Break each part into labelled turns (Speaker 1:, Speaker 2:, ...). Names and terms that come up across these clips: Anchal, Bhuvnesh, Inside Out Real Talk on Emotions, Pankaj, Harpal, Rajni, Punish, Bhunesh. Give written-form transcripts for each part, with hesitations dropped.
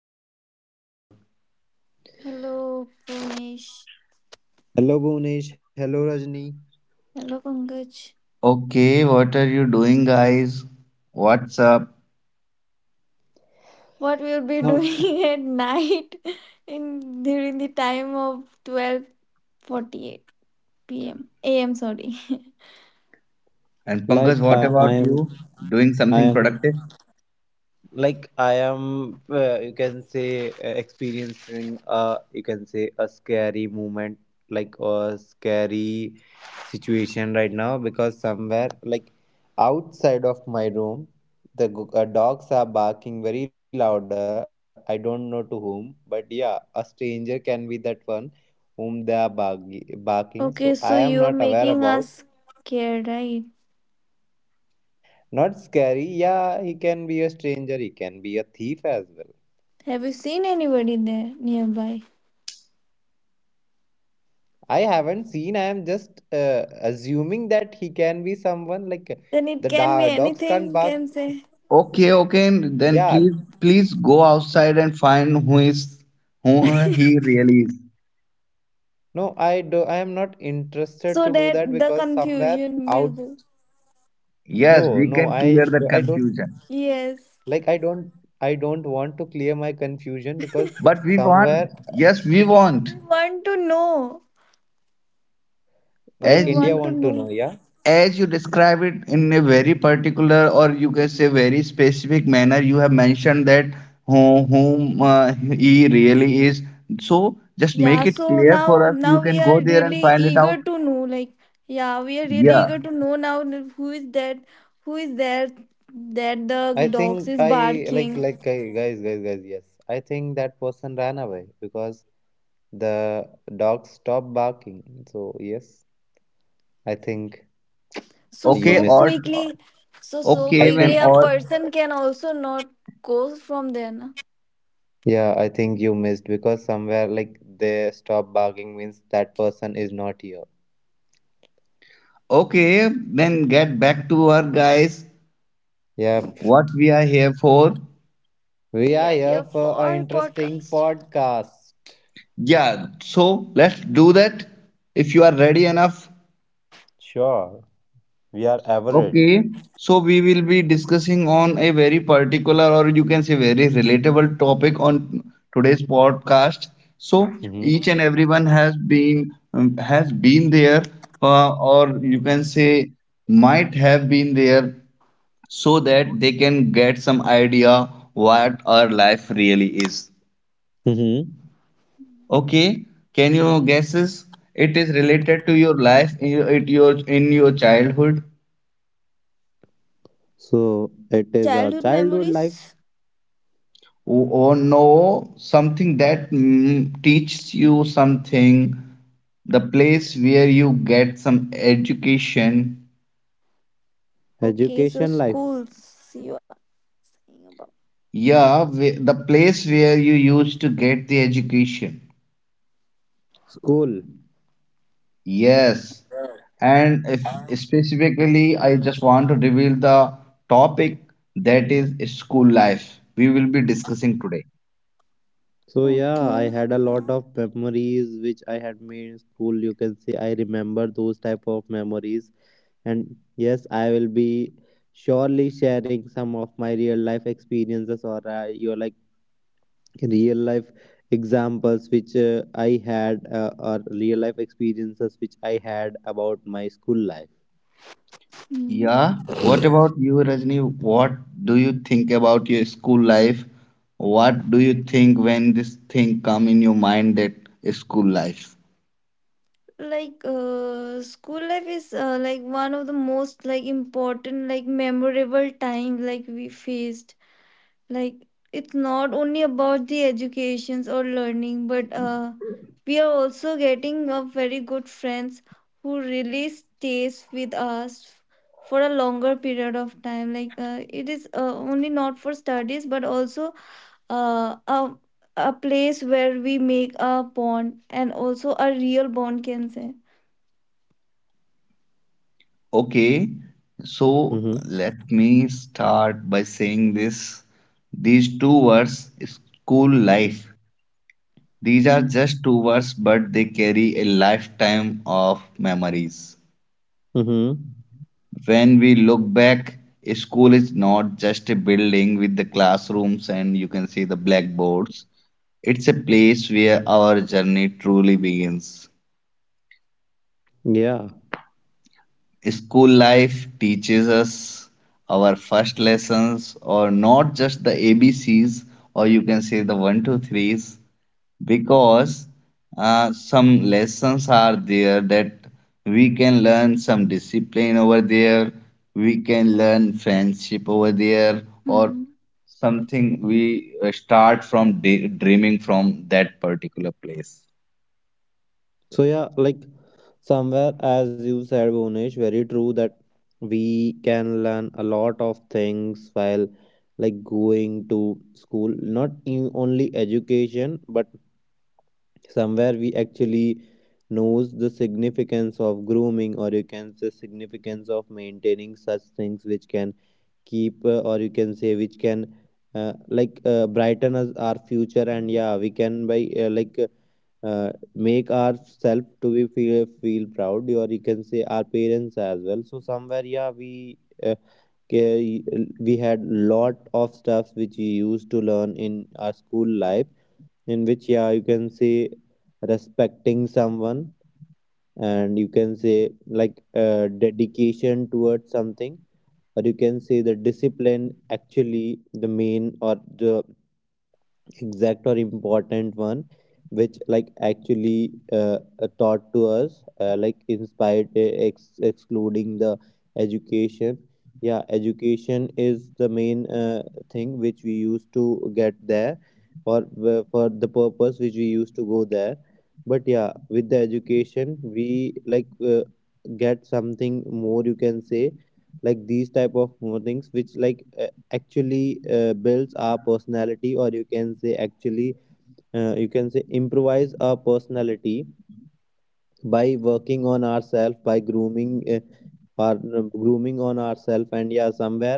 Speaker 1: another episode.
Speaker 2: Hello, Punish.
Speaker 3: Hello Bhunesh, hello Rajni.
Speaker 2: Hello, Pankaj.
Speaker 1: Okay, what are you doing, guys? What's up?
Speaker 2: What we'll be
Speaker 3: How-
Speaker 2: doing at night in during the time of 12:48 p.m. a.m. Sorry.
Speaker 1: And
Speaker 3: Like
Speaker 1: Pankaj, what
Speaker 3: I
Speaker 1: about
Speaker 3: am,
Speaker 1: you? Doing
Speaker 3: I
Speaker 1: something
Speaker 3: am
Speaker 1: productive?
Speaker 3: like I am. You can say experiencing a you can say a scary moment, like a scary situation right now because somewhere like outside of my room, dogs are barking very louder. I don't know to whom, but yeah, a stranger can be that one whom they are barking.
Speaker 2: Okay,
Speaker 3: So I
Speaker 2: so
Speaker 3: am
Speaker 2: you are
Speaker 3: not aware
Speaker 2: making
Speaker 3: about.
Speaker 2: us scared, right?
Speaker 3: Not scary. Yeah, he can be a stranger. He can be a thief as well.
Speaker 2: Have you seen anybody there nearby?
Speaker 3: I haven't seen. I am just assuming that he can be someone like
Speaker 2: Then it can be
Speaker 3: dogs
Speaker 2: anything.
Speaker 3: can't
Speaker 2: You
Speaker 3: bark.
Speaker 2: can say
Speaker 1: Okay, okay, then
Speaker 3: Yeah.
Speaker 1: please, please go outside and find who he really is.
Speaker 3: No, I do. I am not interested
Speaker 2: so
Speaker 3: to do
Speaker 2: that
Speaker 3: that
Speaker 2: the
Speaker 3: because somewhere
Speaker 2: confusion will
Speaker 3: out.
Speaker 2: go.
Speaker 1: Yes,
Speaker 3: No,
Speaker 1: we
Speaker 3: no.
Speaker 1: can
Speaker 3: I
Speaker 1: clear that
Speaker 3: I don't
Speaker 1: confusion.
Speaker 2: Yes,
Speaker 3: like. I don't. I don't want to clear my confusion because
Speaker 1: But we want,
Speaker 3: somewhere
Speaker 1: yes, we want.
Speaker 2: we want to know, but
Speaker 3: like
Speaker 1: As
Speaker 2: we
Speaker 3: India
Speaker 2: want to
Speaker 3: want to know.
Speaker 2: know.
Speaker 3: Yeah.
Speaker 1: as you describe it in a very particular or you can say very specific manner, you have mentioned that whom he really is, so just
Speaker 2: Yeah,
Speaker 1: make it
Speaker 2: so
Speaker 1: clear for
Speaker 2: now
Speaker 1: us. You
Speaker 2: now
Speaker 1: can
Speaker 2: we are
Speaker 1: go there and
Speaker 2: really
Speaker 1: find it out.
Speaker 2: eager to know, like yeah, we are really
Speaker 1: Yeah.
Speaker 2: eager to know now that who is that, who is there that the
Speaker 3: I
Speaker 2: dogs
Speaker 3: think
Speaker 2: is
Speaker 3: I like
Speaker 2: barking.
Speaker 3: like guy- guys guys guys yes. I think that person ran away because the dog stopped barking. So, yes, I think
Speaker 2: So
Speaker 3: you
Speaker 1: Okay.
Speaker 2: so
Speaker 3: missed.
Speaker 1: Or
Speaker 2: quickly, so
Speaker 3: I
Speaker 1: okay, when
Speaker 2: quickly
Speaker 3: think,
Speaker 2: a
Speaker 1: all
Speaker 2: person can also not go from there. Na?
Speaker 3: yeah, I think you missed because somewhere like they stop barking means that person is not here.
Speaker 1: okay, then get back to our guys,
Speaker 3: Yep,
Speaker 1: what we are here for.
Speaker 3: we
Speaker 2: We
Speaker 3: are
Speaker 2: are
Speaker 3: here
Speaker 2: here
Speaker 3: for an
Speaker 2: for
Speaker 3: interesting
Speaker 2: podcast.
Speaker 3: podcast.
Speaker 1: Yeah, so let's do that if you are ready enough.
Speaker 3: Sure, we are ever ready.
Speaker 1: Okay, so we will be discussing on a very particular or you can say very relatable topic on today's podcast. So each
Speaker 3: Mm-hmm.
Speaker 1: and everyone has been there, or you can say might have been there, so that they can get some idea what our life really is.
Speaker 3: Mm-hmm.
Speaker 1: Okay, can you guesses? It is related to your life in your, it your in your childhood.
Speaker 3: So, it is our
Speaker 2: Childhood
Speaker 3: childhood life,
Speaker 2: memories.
Speaker 1: Or know something that teaches you something, the place where you get some education.
Speaker 2: Okay, so
Speaker 3: education life,
Speaker 2: schools you are saying about.
Speaker 1: Yeah. The place where you used to get the education.
Speaker 3: school.
Speaker 1: Yes. And if specifically I just want to reveal the topic, that is school life, we will be discussing today.
Speaker 3: So yeah, I
Speaker 2: Okay.
Speaker 3: had a lot of memories which I had made in school. You can say I remember those type of memories, and yes, I will be surely sharing some of my real life experiences or your like real life examples which I had or real life experiences which I had about my school life.
Speaker 2: Hmm.
Speaker 1: Yeah. What about you, Rajni? What do you think about your school life? What do you think when this thing come in your mind, that school life?
Speaker 2: School life is, like, one of the most, like, important, like, memorable time, like, we faced, like, it's not only about the educations or learning, but we are also getting a very good friends who really stays with us for a longer period of time. Like it is, only not for studies, but also uh, a, a place where we make a bond, and also a real bond, can say.
Speaker 1: Okay. So
Speaker 3: Mm-hmm.
Speaker 1: let me start by saying this. These two words, school life, these are just two words, but they carry a lifetime of memories.
Speaker 3: Mm-hmm.
Speaker 1: When we look back, a school is not just a building with the classrooms and you can see the blackboards. It's a place where our journey truly begins.
Speaker 3: Yeah.
Speaker 1: School life teaches us our first lessons, or not just the ABC's, or you can say the one, two, threes, because some lessons are there that we can learn some discipline over there, we can learn friendship over there, or
Speaker 2: Mm-hmm.
Speaker 1: something we start from day, dreaming from that particular place.
Speaker 3: So yeah, like somewhere as you said, Bhunesh, very true that we can learn a lot of things while like going to school. Not in only education, but somewhere we actually knows the significance of grooming or you can say significance of maintaining such things which can keep or you can say which can like brighten us our future, and yeah we can by like uh, make ourselves to be feel proud or you can say our parents as well. So somewhere yeah we uh, ca- we had lot of stuff which we used to learn in our school life, in which yeah you can say respecting someone and you can say like dedication towards something or you can say the discipline, actually the main or the exact or important one, which like actually taught to us, like inspired excluding the education. Yeah, education is the main thing which we used to get there, or for the purpose which we used to go there, but yeah with the education we like get something more you can say, like these type of more things which like actually builds our personality or you can say actually you can say improvise our personality by working on ourselves, by grooming or grooming on ourselves, and yeah somewhere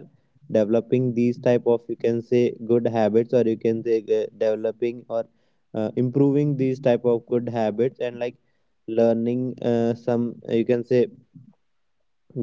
Speaker 3: developing these type of you can say good habits or you can say developing or improving these type of good habits, and like learning some you can say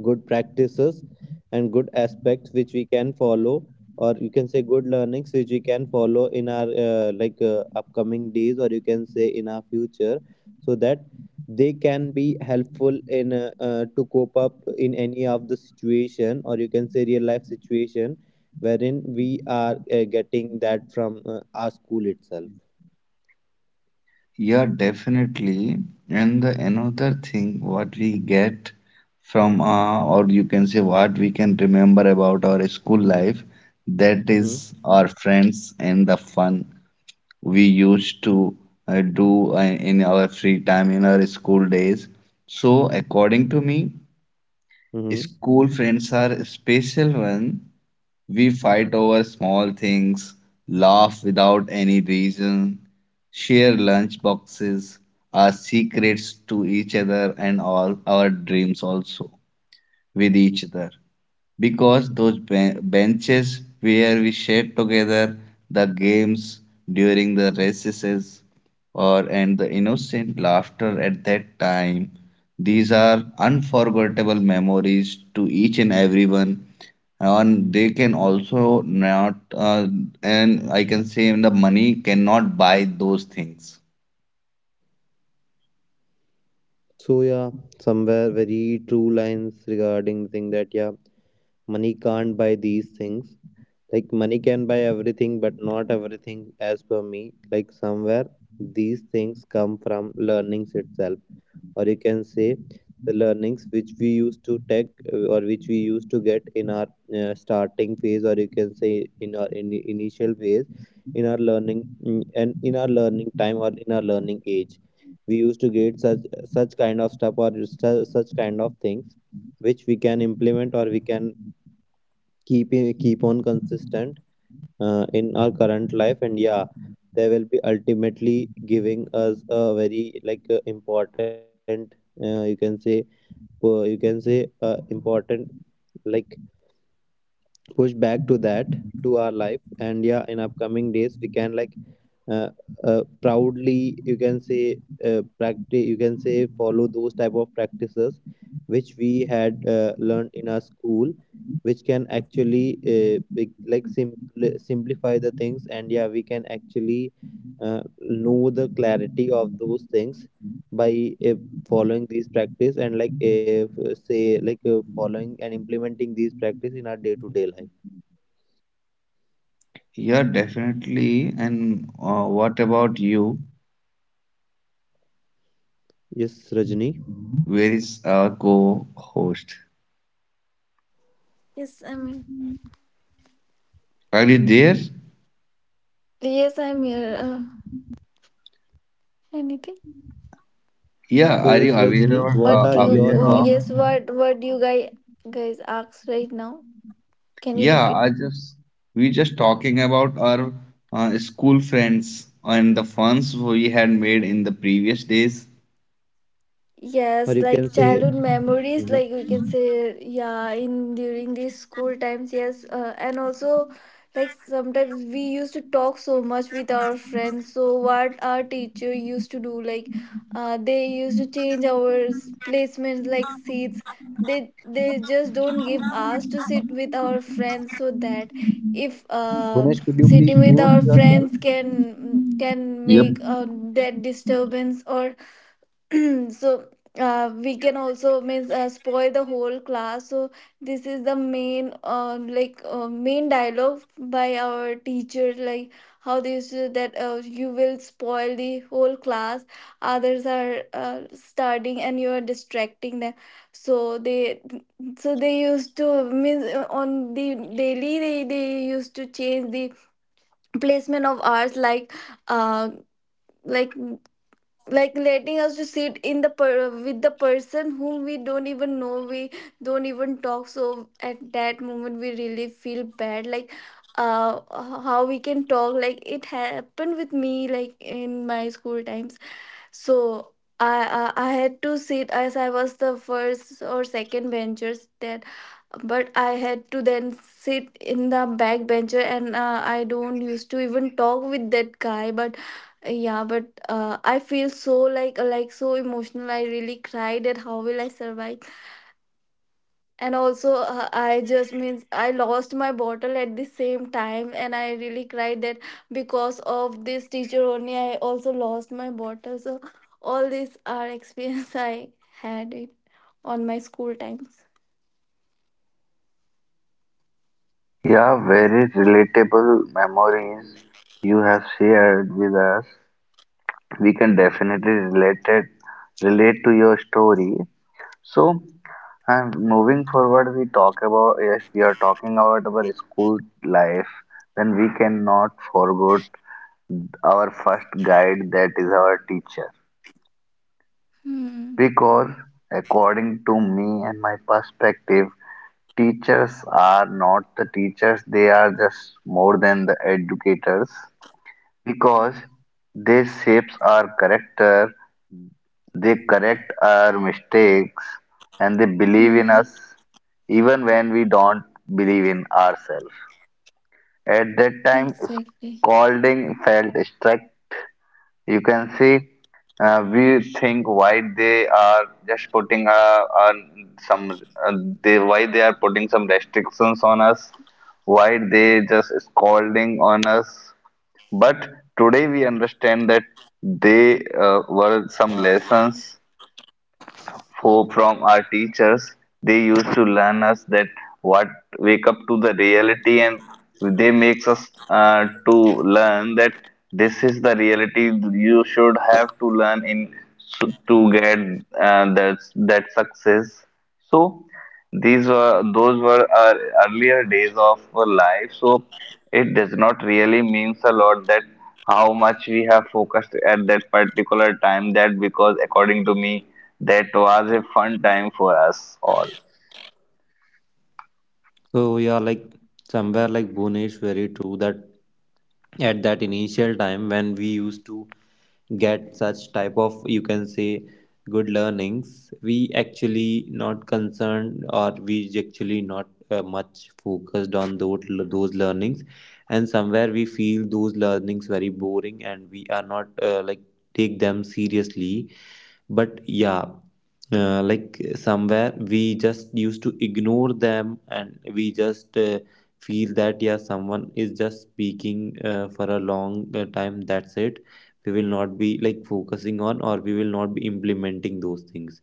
Speaker 3: good practices and good aspects which we can follow, or you can say good learnings which we can follow in our like upcoming days or you can say in our future, so that they can be helpful in to cope up in any of the situation or you can say real life situation, wherein we are getting that from our school itself.
Speaker 1: Yeah, definitely. And the another thing what we get from or you can say what we can remember about our school life, that
Speaker 3: Mm-hmm.
Speaker 1: is our friends and the fun we used to do in our free time in our school days. So according to me,
Speaker 3: Mm-hmm.
Speaker 1: school friends are a special one. We fight over small things, laugh without any reason, share lunch boxes, our secrets to each other, and all our dreams also with each other, because those benches where we shared together, the games during the recesses or and the innocent laughter at that time, these are unforgettable memories to each and everyone. And they can also not, and I can say the money cannot buy those things.
Speaker 3: So yeah, somewhere very true lines regarding the thing that yeah, money can't buy these things. Like money can buy everything, but not everything as per me. Like somewhere these things come from learnings itself, or you can say the learnings which we used to take or which we used to get in our starting phase, or you can say in our in initial phase, in our learning and in our learning time or in our learning age, we used to get such such kind of things which we can implement or we can keep keep on consistent in our current life, and yeah they will be ultimately giving us a very like important uh, you can say you can say important like push back to that, to our life, and yeah in upcoming days we can like uh, proudly you can say practice you can say follow those type of practices which we had learned in our school, which can actually simplify the things, and yeah we can actually know the clarity of those things by uh, following these practice, and like if say like following and implementing these practice in our day to day life.
Speaker 1: Yeah, definitely. And what about you?
Speaker 3: Yes Rajni,
Speaker 1: Where is our co-host?
Speaker 2: Yes, I mean,
Speaker 1: Are you there?
Speaker 2: yes, I'm here. Anything?
Speaker 1: Yeah,
Speaker 3: so
Speaker 1: are
Speaker 3: yes
Speaker 1: you
Speaker 3: Rajni,
Speaker 1: aware, or
Speaker 3: what
Speaker 2: What
Speaker 3: are
Speaker 2: you?
Speaker 3: your
Speaker 1: aware
Speaker 2: Oh,
Speaker 1: of?
Speaker 3: thoughts
Speaker 2: yes, what? What you guys asked right now? Can you
Speaker 1: Yeah,
Speaker 2: repeat?
Speaker 1: I just we just talking about our school friends and the funs we had made in the previous days.
Speaker 3: or
Speaker 2: Yes,
Speaker 3: you can
Speaker 2: like
Speaker 3: say.
Speaker 2: childhood memories,
Speaker 3: Mhm.
Speaker 2: like we can say, yeah, in during these school times, yes, and also like sometimes we used to talk so much with our friends. So what our teacher used to do, like, they used to change our placements, like seats. They just don't give us to sit with our friends, so that if
Speaker 3: Gunesh, could you
Speaker 2: sitting
Speaker 3: please
Speaker 2: with
Speaker 3: mute
Speaker 2: our
Speaker 3: yourself.
Speaker 2: friends can
Speaker 1: Yep.
Speaker 2: make that disturbance, or so we can also means spoil the whole class. So this is the main, like, main dialogue by our teacher, like, how they said that, you will spoil the whole class, others are studying and you are distracting them. So they, so they used to means, on the daily they used to change the placement of ours, uh like like letting us to sit in the with the person whom we don't even know, we don't even talk. So at that moment we really feel bad, like uh how we can talk, like it happened with me, like in my school times. So, I had to sit, as I was the first or second benchers, that, but I had to then sit in the back bencher, and I don't used to even talk with that guy, but yeah, but I feel so, like so emotional, I really cried at how will I survive. And also I just means I lost my bottle at the same time, and I really cried that because of this teacher only I also lost my bottle. So all these are experience I had it on my school times.
Speaker 1: Yeah, very relatable memories you have shared with us. We can definitely relate to your story. So, and moving forward, we talk about, if we are talking about our school life, then we cannot forget our first guide, that is our teacher.
Speaker 2: Hmm.
Speaker 1: Because, according to me and my perspective, teachers are not the teachers, they are just more than the educators, because they shapes our character. They correct our mistakes and they believe in
Speaker 2: Hmm.
Speaker 1: us, even when we don't believe in ourselves. At that time,
Speaker 2: Exactly.
Speaker 1: scolding felt strict. You can see, we think why they are just putting, on some uh, they, why they are putting some restrictions on us, why they just scolding on us. But today we understand that they were some lessons, for from our teachers. They used to learn us that what, wake up to the reality, and they makes us to learn that this is the reality, you should have to learn in, to get that success. So these were those were our earlier days of our life, so it does not really means a lot that how much we have focused at that particular time. That because according to me, that was a fun time for us all.
Speaker 3: So yeah, like somewhere like Bhunesh, very true that at that initial time when we used to get such type of you can say good learnings, we actually not concerned, or we actually not much focused on those learnings, and somewhere we feel those learnings very boring and we are not like take them seriously. But yeah like somewhere we just used to ignore them and we just feel that yeah someone is just speaking for a long time, that's it, we will not be like focusing on or we will not be implementing those things.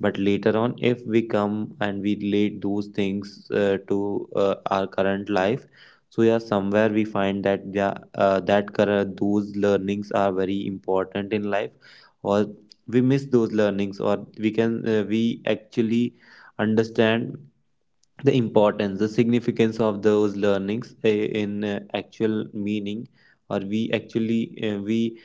Speaker 3: But later on if we come and we relate those things to our current life, so yeah somewhere we find that yeah, those learnings are very important in life, or we miss those learnings or we can we actually understand the importance, the significance of those learnings in actual meaning, or we actually uh, we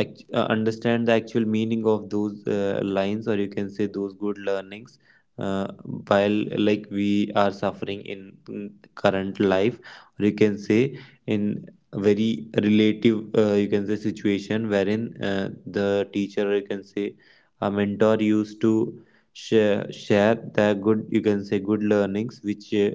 Speaker 3: act, uh, understand the actual meaning of those lines or you can say those good learnings, uh, while like we are suffering in current life, or you can say in a very relative you can say situation wherein the teacher or you can say a mentor used to share the good you can say good learnings which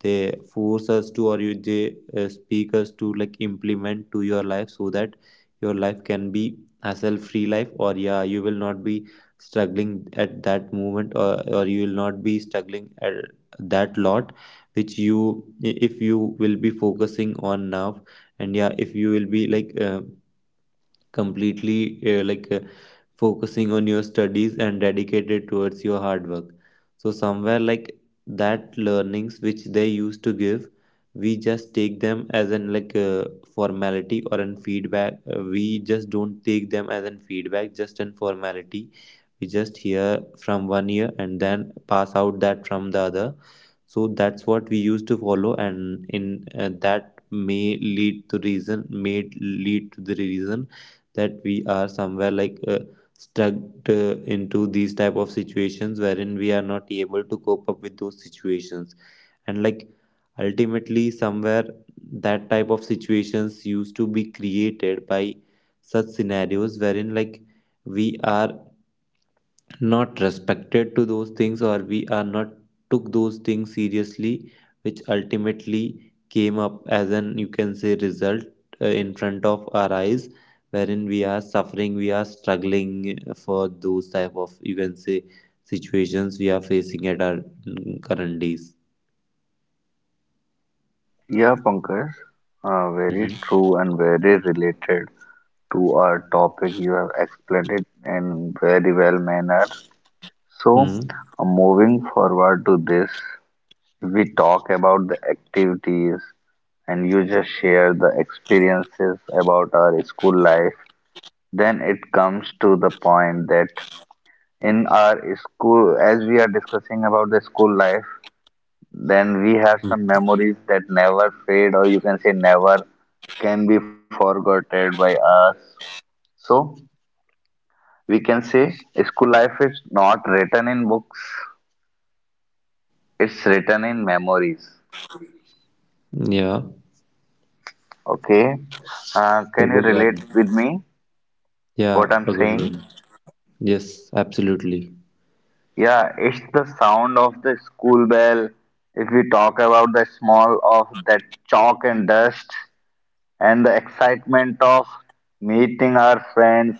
Speaker 3: they force us to or you they speak us to like implement to your life, so that your life can be hassle free life, or yeah you will not be struggling at that moment, or you will not be struggling at that lot which you if you will be focusing on now, and yeah if you will be like completely like focusing on your studies and dedicated towards your hard work. So somewhere like that learnings which they used to give, we just take them as an like formality or an feedback, we just don't take them as an feedback, just an formality, we just hear from one ear and then pass out that from the other. So that's what we used to follow, and in that may lead to reason, may lead to the reason that we are somewhere like stuck into these type of situations wherein we are not able to cope up with those situations, and like ultimately somewhere that type of situations used to be created by such scenarios, wherein like we are not respected to those things or we are not took those things seriously, which ultimately came up as an you can say result in front of our eyes, wherein we are suffering, we are struggling for those type of you can say situations we are facing at our current days.
Speaker 1: Yeah, Pankaj, very
Speaker 3: Hmm.
Speaker 1: true and very related to our topic. You have explained it in very well manner. So,
Speaker 3: Hmm.
Speaker 1: moving forward to this, we talk about the activities and you just share the experiences about our school life. Then it comes to the point that in our school, as we are discussing about the school life, then we have some memories that never fade, or you can say never can be forgotten by us. So we can say school life is not written in books, it's written in memories.
Speaker 3: Yeah,
Speaker 1: Okay,
Speaker 3: a
Speaker 1: can you
Speaker 3: good one.
Speaker 1: relate with me
Speaker 3: Yeah,
Speaker 1: what I'm
Speaker 3: a good
Speaker 1: saying?
Speaker 3: one. Yes, absolutely.
Speaker 1: Yeah, it's the sound of the school bell. If we talk about the small of that chalk and dust, and the excitement of meeting our friends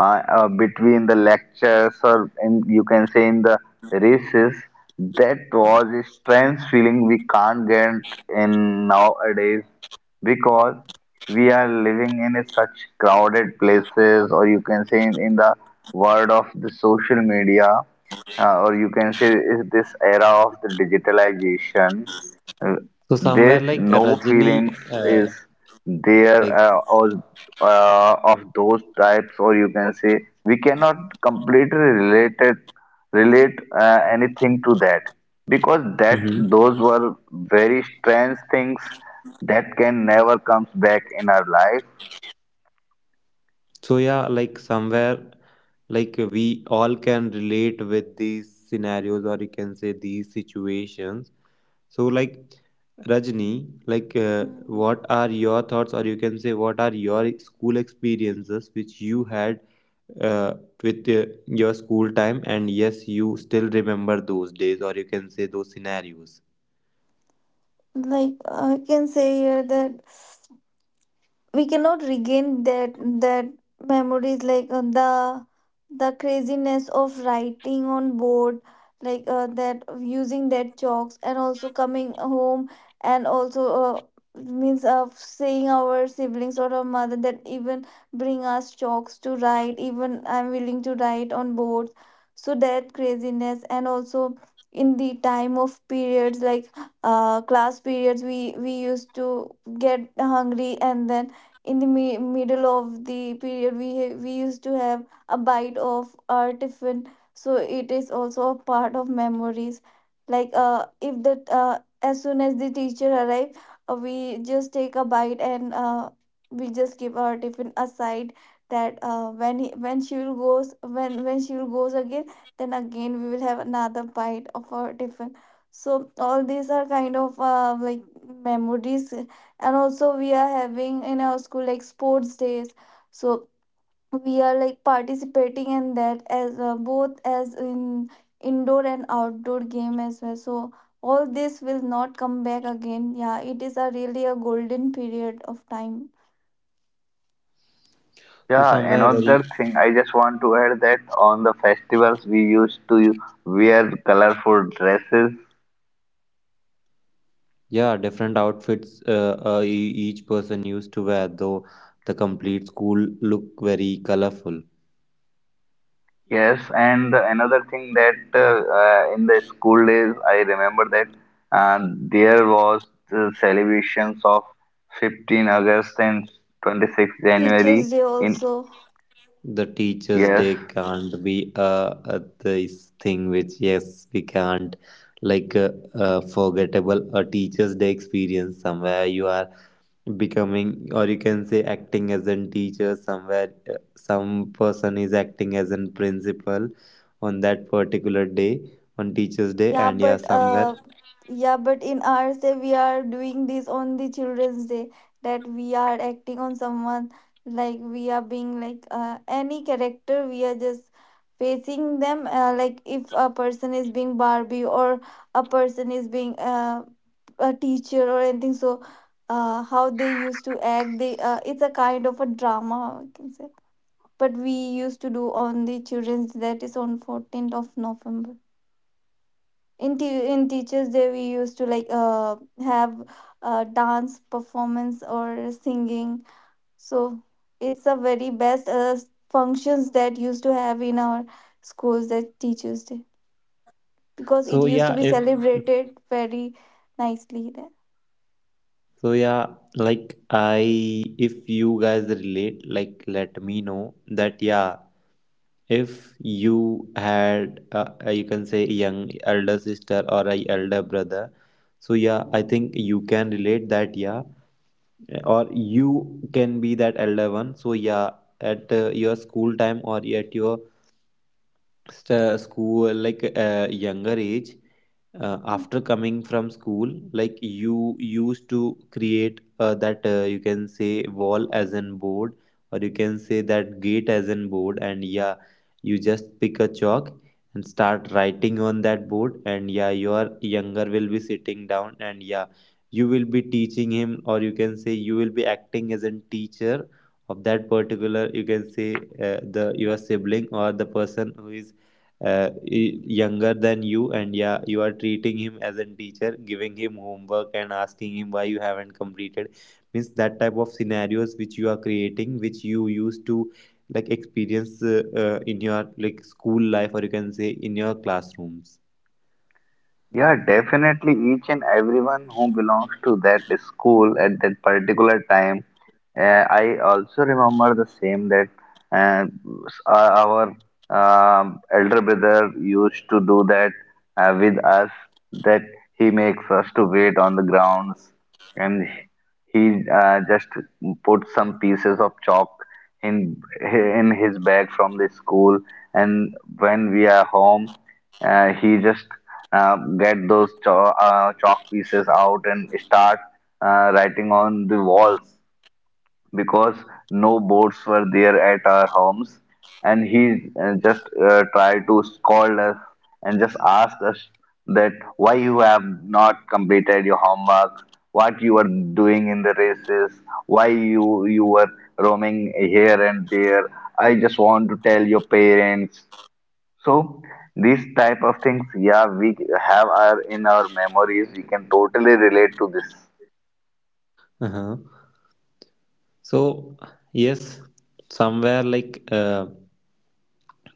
Speaker 1: between the lectures, or in, you can say in the races, that was a strange feeling we can't get in nowadays, because we are living in a such crowded places, or you can say in, the world of the social media, or you can say is this era of the digitalization. uh,
Speaker 3: So somewhere
Speaker 1: There's
Speaker 3: like
Speaker 1: no
Speaker 3: Rajini,
Speaker 1: feelings
Speaker 3: uh,
Speaker 1: is there,
Speaker 3: like
Speaker 1: or of those types, or you can say we cannot completely relate anything to that, because that
Speaker 3: mm-hmm.
Speaker 1: those were very strange things that can never comes back in our life.
Speaker 3: So yeah, like somewhere like we all can relate with these scenarios or you can say these situations. So like Rajni, like
Speaker 2: Hmm.
Speaker 3: what are your thoughts or you can say what are your school experiences which you had uh, with your school time, and yes you still remember those days or you can say those scenarios.
Speaker 2: Like I can say here that we cannot regain that memories, like the craziness of writing on board, like that, using that chalks, and also coming home, and also means of saying our siblings or our mother that even bring us chalks to write, even I'm willing to write on boards. So that craziness, and also in the time of periods, like class periods, we used to get hungry, and then in the middle of the period we used to have a bite of our tiffin. So it is also a part of memories. Like if the, as soon as the teacher arrives, we just take a bite, and we just keep our tiffin aside, that when he, when she will goes, when she will goes again, then again we will have another bite of our tiffin. So all these are kind of, like, memories. And also we are having in our school like sports days, so we are like participating in that as, both as in indoor and outdoor game as well. So all this will not come back again. Yeah, it is a really a golden period of time.
Speaker 3: So
Speaker 1: Yeah,
Speaker 3: somewhere very.
Speaker 1: another thing I just want to add, that on the festivals we used to wear colorful dresses.
Speaker 3: Yeah, different outfits each person used to wear, though the complete school look very colorful.
Speaker 1: Yes, and another thing that, in the school days, I remember that there was the celebrations of 15 August and 26
Speaker 2: Teachers
Speaker 1: January
Speaker 2: day
Speaker 1: in
Speaker 2: also.
Speaker 3: The teachers'
Speaker 1: yes.
Speaker 3: day can't be this thing which, yes, we can't forgettable a teacher's day experience somewhere you are becoming, or you can say acting as a teacher, somewhere some person is acting as a principal on that particular day, on teacher's day,
Speaker 2: Yeah,
Speaker 3: and yeah
Speaker 2: but
Speaker 3: somewhere.
Speaker 2: uh, yeah, but in our say we are doing this on the Children's Day, that we are acting on someone, like we are being like, any character, we are just facing them, like if a person is being Barbie or a person is being, a teacher or anything. So how they used to act, they, it's a kind of a drama I can say, but we used to do on the Children's Day, that is on 14th of November. In in teachers day we used to like have dance performance or singing. So it's a very best, functions that used to have in our schools, that teachers day, because it
Speaker 3: So
Speaker 2: used to
Speaker 3: yeah,
Speaker 2: be
Speaker 3: if
Speaker 2: celebrated very nicely there.
Speaker 3: so yeah, like I if you guys relate, like let me know that yeah, if you had you can say young elder sister or a elder brother, so yeah, I think you can relate that yeah, or you can be that elder one. So yeah, at your school time or at your school, like younger age,
Speaker 2: Mm,
Speaker 3: after coming from school, like you used to create that, you can say wall as an board or you can say that gate as an board, and yeah, you just pick a chalk and start writing on that board, and yeah, your younger will be sitting down, and yeah, you will be teaching him, or you can say you will be acting as a teacher of that particular, you can say the your sibling or the person who is uh, younger than you, and yeah, you are treating him as a teacher, giving him homework and asking him why you haven't completed. Means that type of scenarios which you are creating, which you used to like experience in your like school life, or you can say in your classrooms.
Speaker 1: Yeah, definitely each and everyone who belongs to that school at that particular time. I also remember the same, that uh, our elder brother used to do that with us, that he makes us to wait on the grounds, and he just put some pieces of chalk in his bag from the school, and when we are home, he just get those chalk pieces out and start writing on the walls, because no boats were there at our homes, and he just tried to scold us and just ask us that why you have not completed your homework, what you are doing in the races, why you were roaming here and there, I just want to tell your parents. So these type of things, yeah, we have our in our memories, we can totally relate to this.
Speaker 3: Uh-huh. So yes, somewhere, like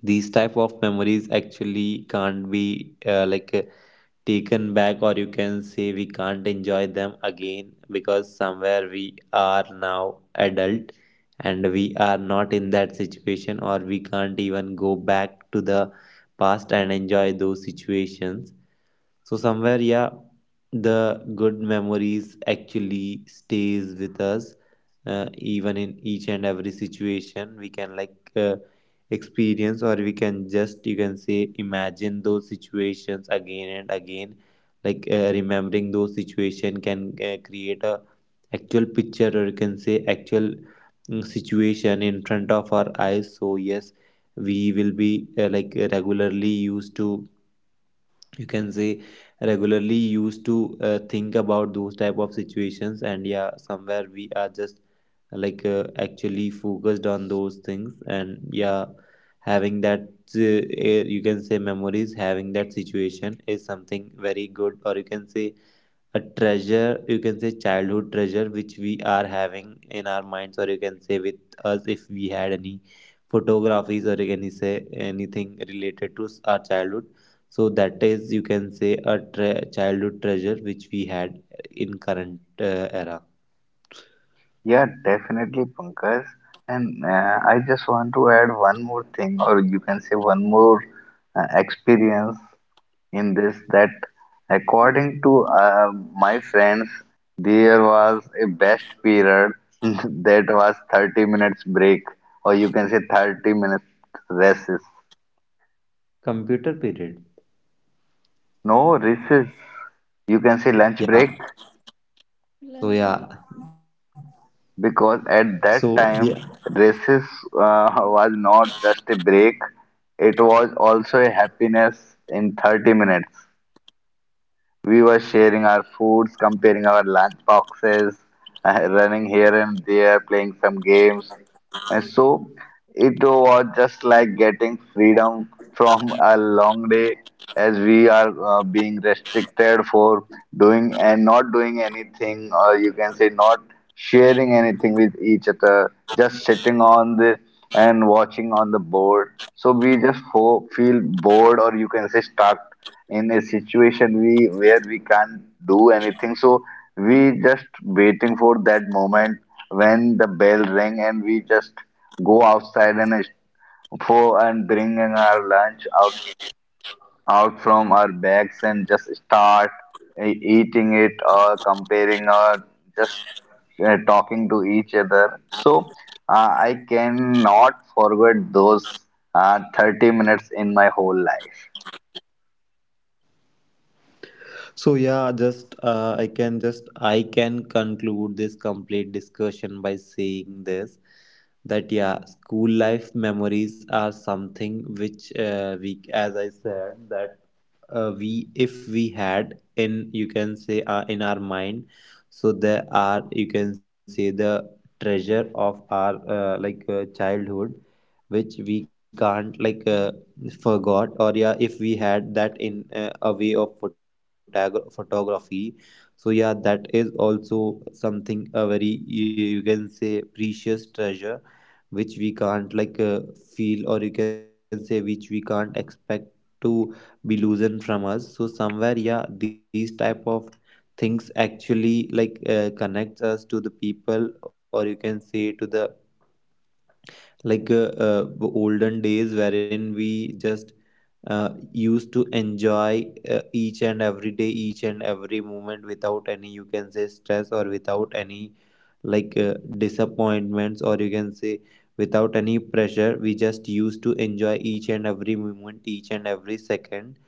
Speaker 3: these type of memories actually can't be taken back, or you can say we can't enjoy them again, because somewhere we are now adult and we are not in that situation, or we can't even go back to the past and enjoy those situations. So somewhere, yeah, the good memories actually stays with us, even in each and every situation. We can like experience, or we can just, you can say, imagine those situations again and again. Like remembering those situation can create a actual picture, or you can say actual, mm, situation in front of our eyes. So yes, we will be like regularly used to, you can say, regularly used to think about those type of situations, and yeah, somewhere we are just like actually focused on those things, and yeah, having that you can say memories, having that situation is something very good, or you can say a treasure, you can say childhood treasure, which we are having in our minds, or you can say with us. If we had any photographies, or you can say anything related to our childhood, so that is, you can say, a childhood treasure which we had in current era.
Speaker 1: Yeah, definitely, Pankaj. And I just want to add one more thing, or you can say one more experience in this, that
Speaker 2: mm.
Speaker 1: according to my friends, there was a best period that was 30 minutes break, or you can say 30 minutes recess.
Speaker 3: Computer period.
Speaker 1: No recess, you can say lunch break.
Speaker 3: Yeah, so
Speaker 2: Lunch
Speaker 3: yeah
Speaker 2: break.
Speaker 1: Because at
Speaker 3: so.
Speaker 1: that time races, uh, was not just a break, it was also a happiness. In 30 minutes we were sharing our foods, comparing our lunch boxes, running here and there, playing some games. And so it was just like getting freedom from a long day, as we are being restricted for doing and not doing anything, or you can say not sharing anything with each other, just sitting on the and watching on the board. So we just fo feel bored, or you can say stuck in a situation we where we can't do anything, so we just waiting for that moment when the bell ring and we just go outside, and s- for and bringing our lunch out from our bags and just start eating it, or comparing, or just talking to each other. So I cannot forget those 30 minutes in my whole life.
Speaker 3: So yeah, just I can conclude this complete discussion by saying this, that yeah, school life memories are something which, we, as I said, that we, if we had in, you can say, in our mind, so there are, you can say, the treasure of our childhood, which we can't like forgot. Or yeah, if we had that in a way of photography, so yeah, that is also something a very, you can say, precious treasure, which we can't like feel, or you can say which we can't expect to be loosened from us. So somewhere, yeah, these type of things actually like connects us to the people, or you can say to the like the olden days, wherein we just used to enjoy each and every day, each and every moment, without any, you can say, stress, or without any like disappointments, or you can say without any pressure. We just used to enjoy each and every moment, each and every second,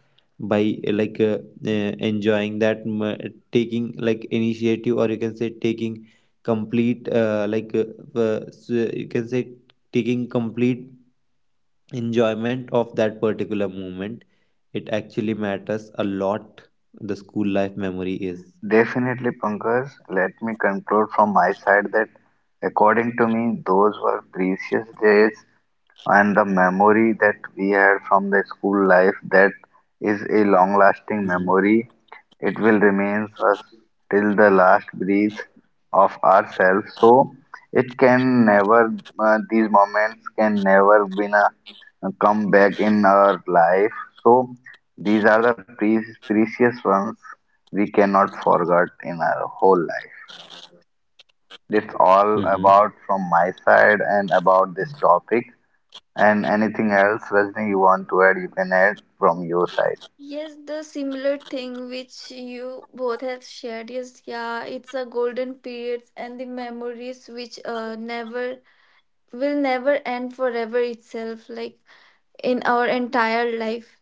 Speaker 3: by enjoying that taking like initiative, or you can say taking complete you can say taking complete enjoyment of that particular moment. It actually matters a lot, the school life memory is.
Speaker 1: Definitely, Pankaj. Let me conclude from my side that, according to me, those were precious days, and the memory that we had from the school life, that is a long-lasting
Speaker 3: Mm-hmm.
Speaker 1: memory. It will remain us till the last breath of ourselves. So it can never, these moments can never be enough come back in our life. So these are the precious ones we cannot forget in our whole life. That's all
Speaker 3: Mm-hmm.
Speaker 1: about from my side and about this topic. And anything else, Rajni, you want to add, you can add from your side.
Speaker 2: Yes, the similar thing which you both have shared. Yes, yeah, it's a golden periods, and the memories which never will never end forever itself, like in our entire life.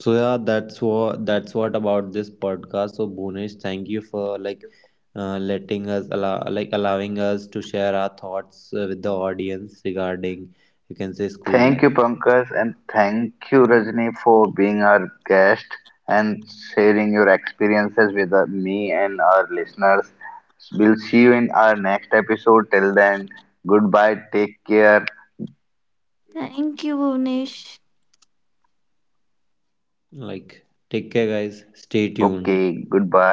Speaker 3: So yeah, that's what about this podcast. So Bhunesh, thank you for like letting us allow like allowing us to share our thoughts with the audience regarding, you can say, school
Speaker 1: Thank
Speaker 3: life.
Speaker 1: you, Pankaj, and thank you, Rajni, for being our guest and sharing your experiences with me and our listeners. We'll see you in our next episode. Till then, goodbye, take care.
Speaker 2: Thank you, Bhuvnesh.
Speaker 3: Like take care guys, stay tuned.
Speaker 1: Okay, goodbye.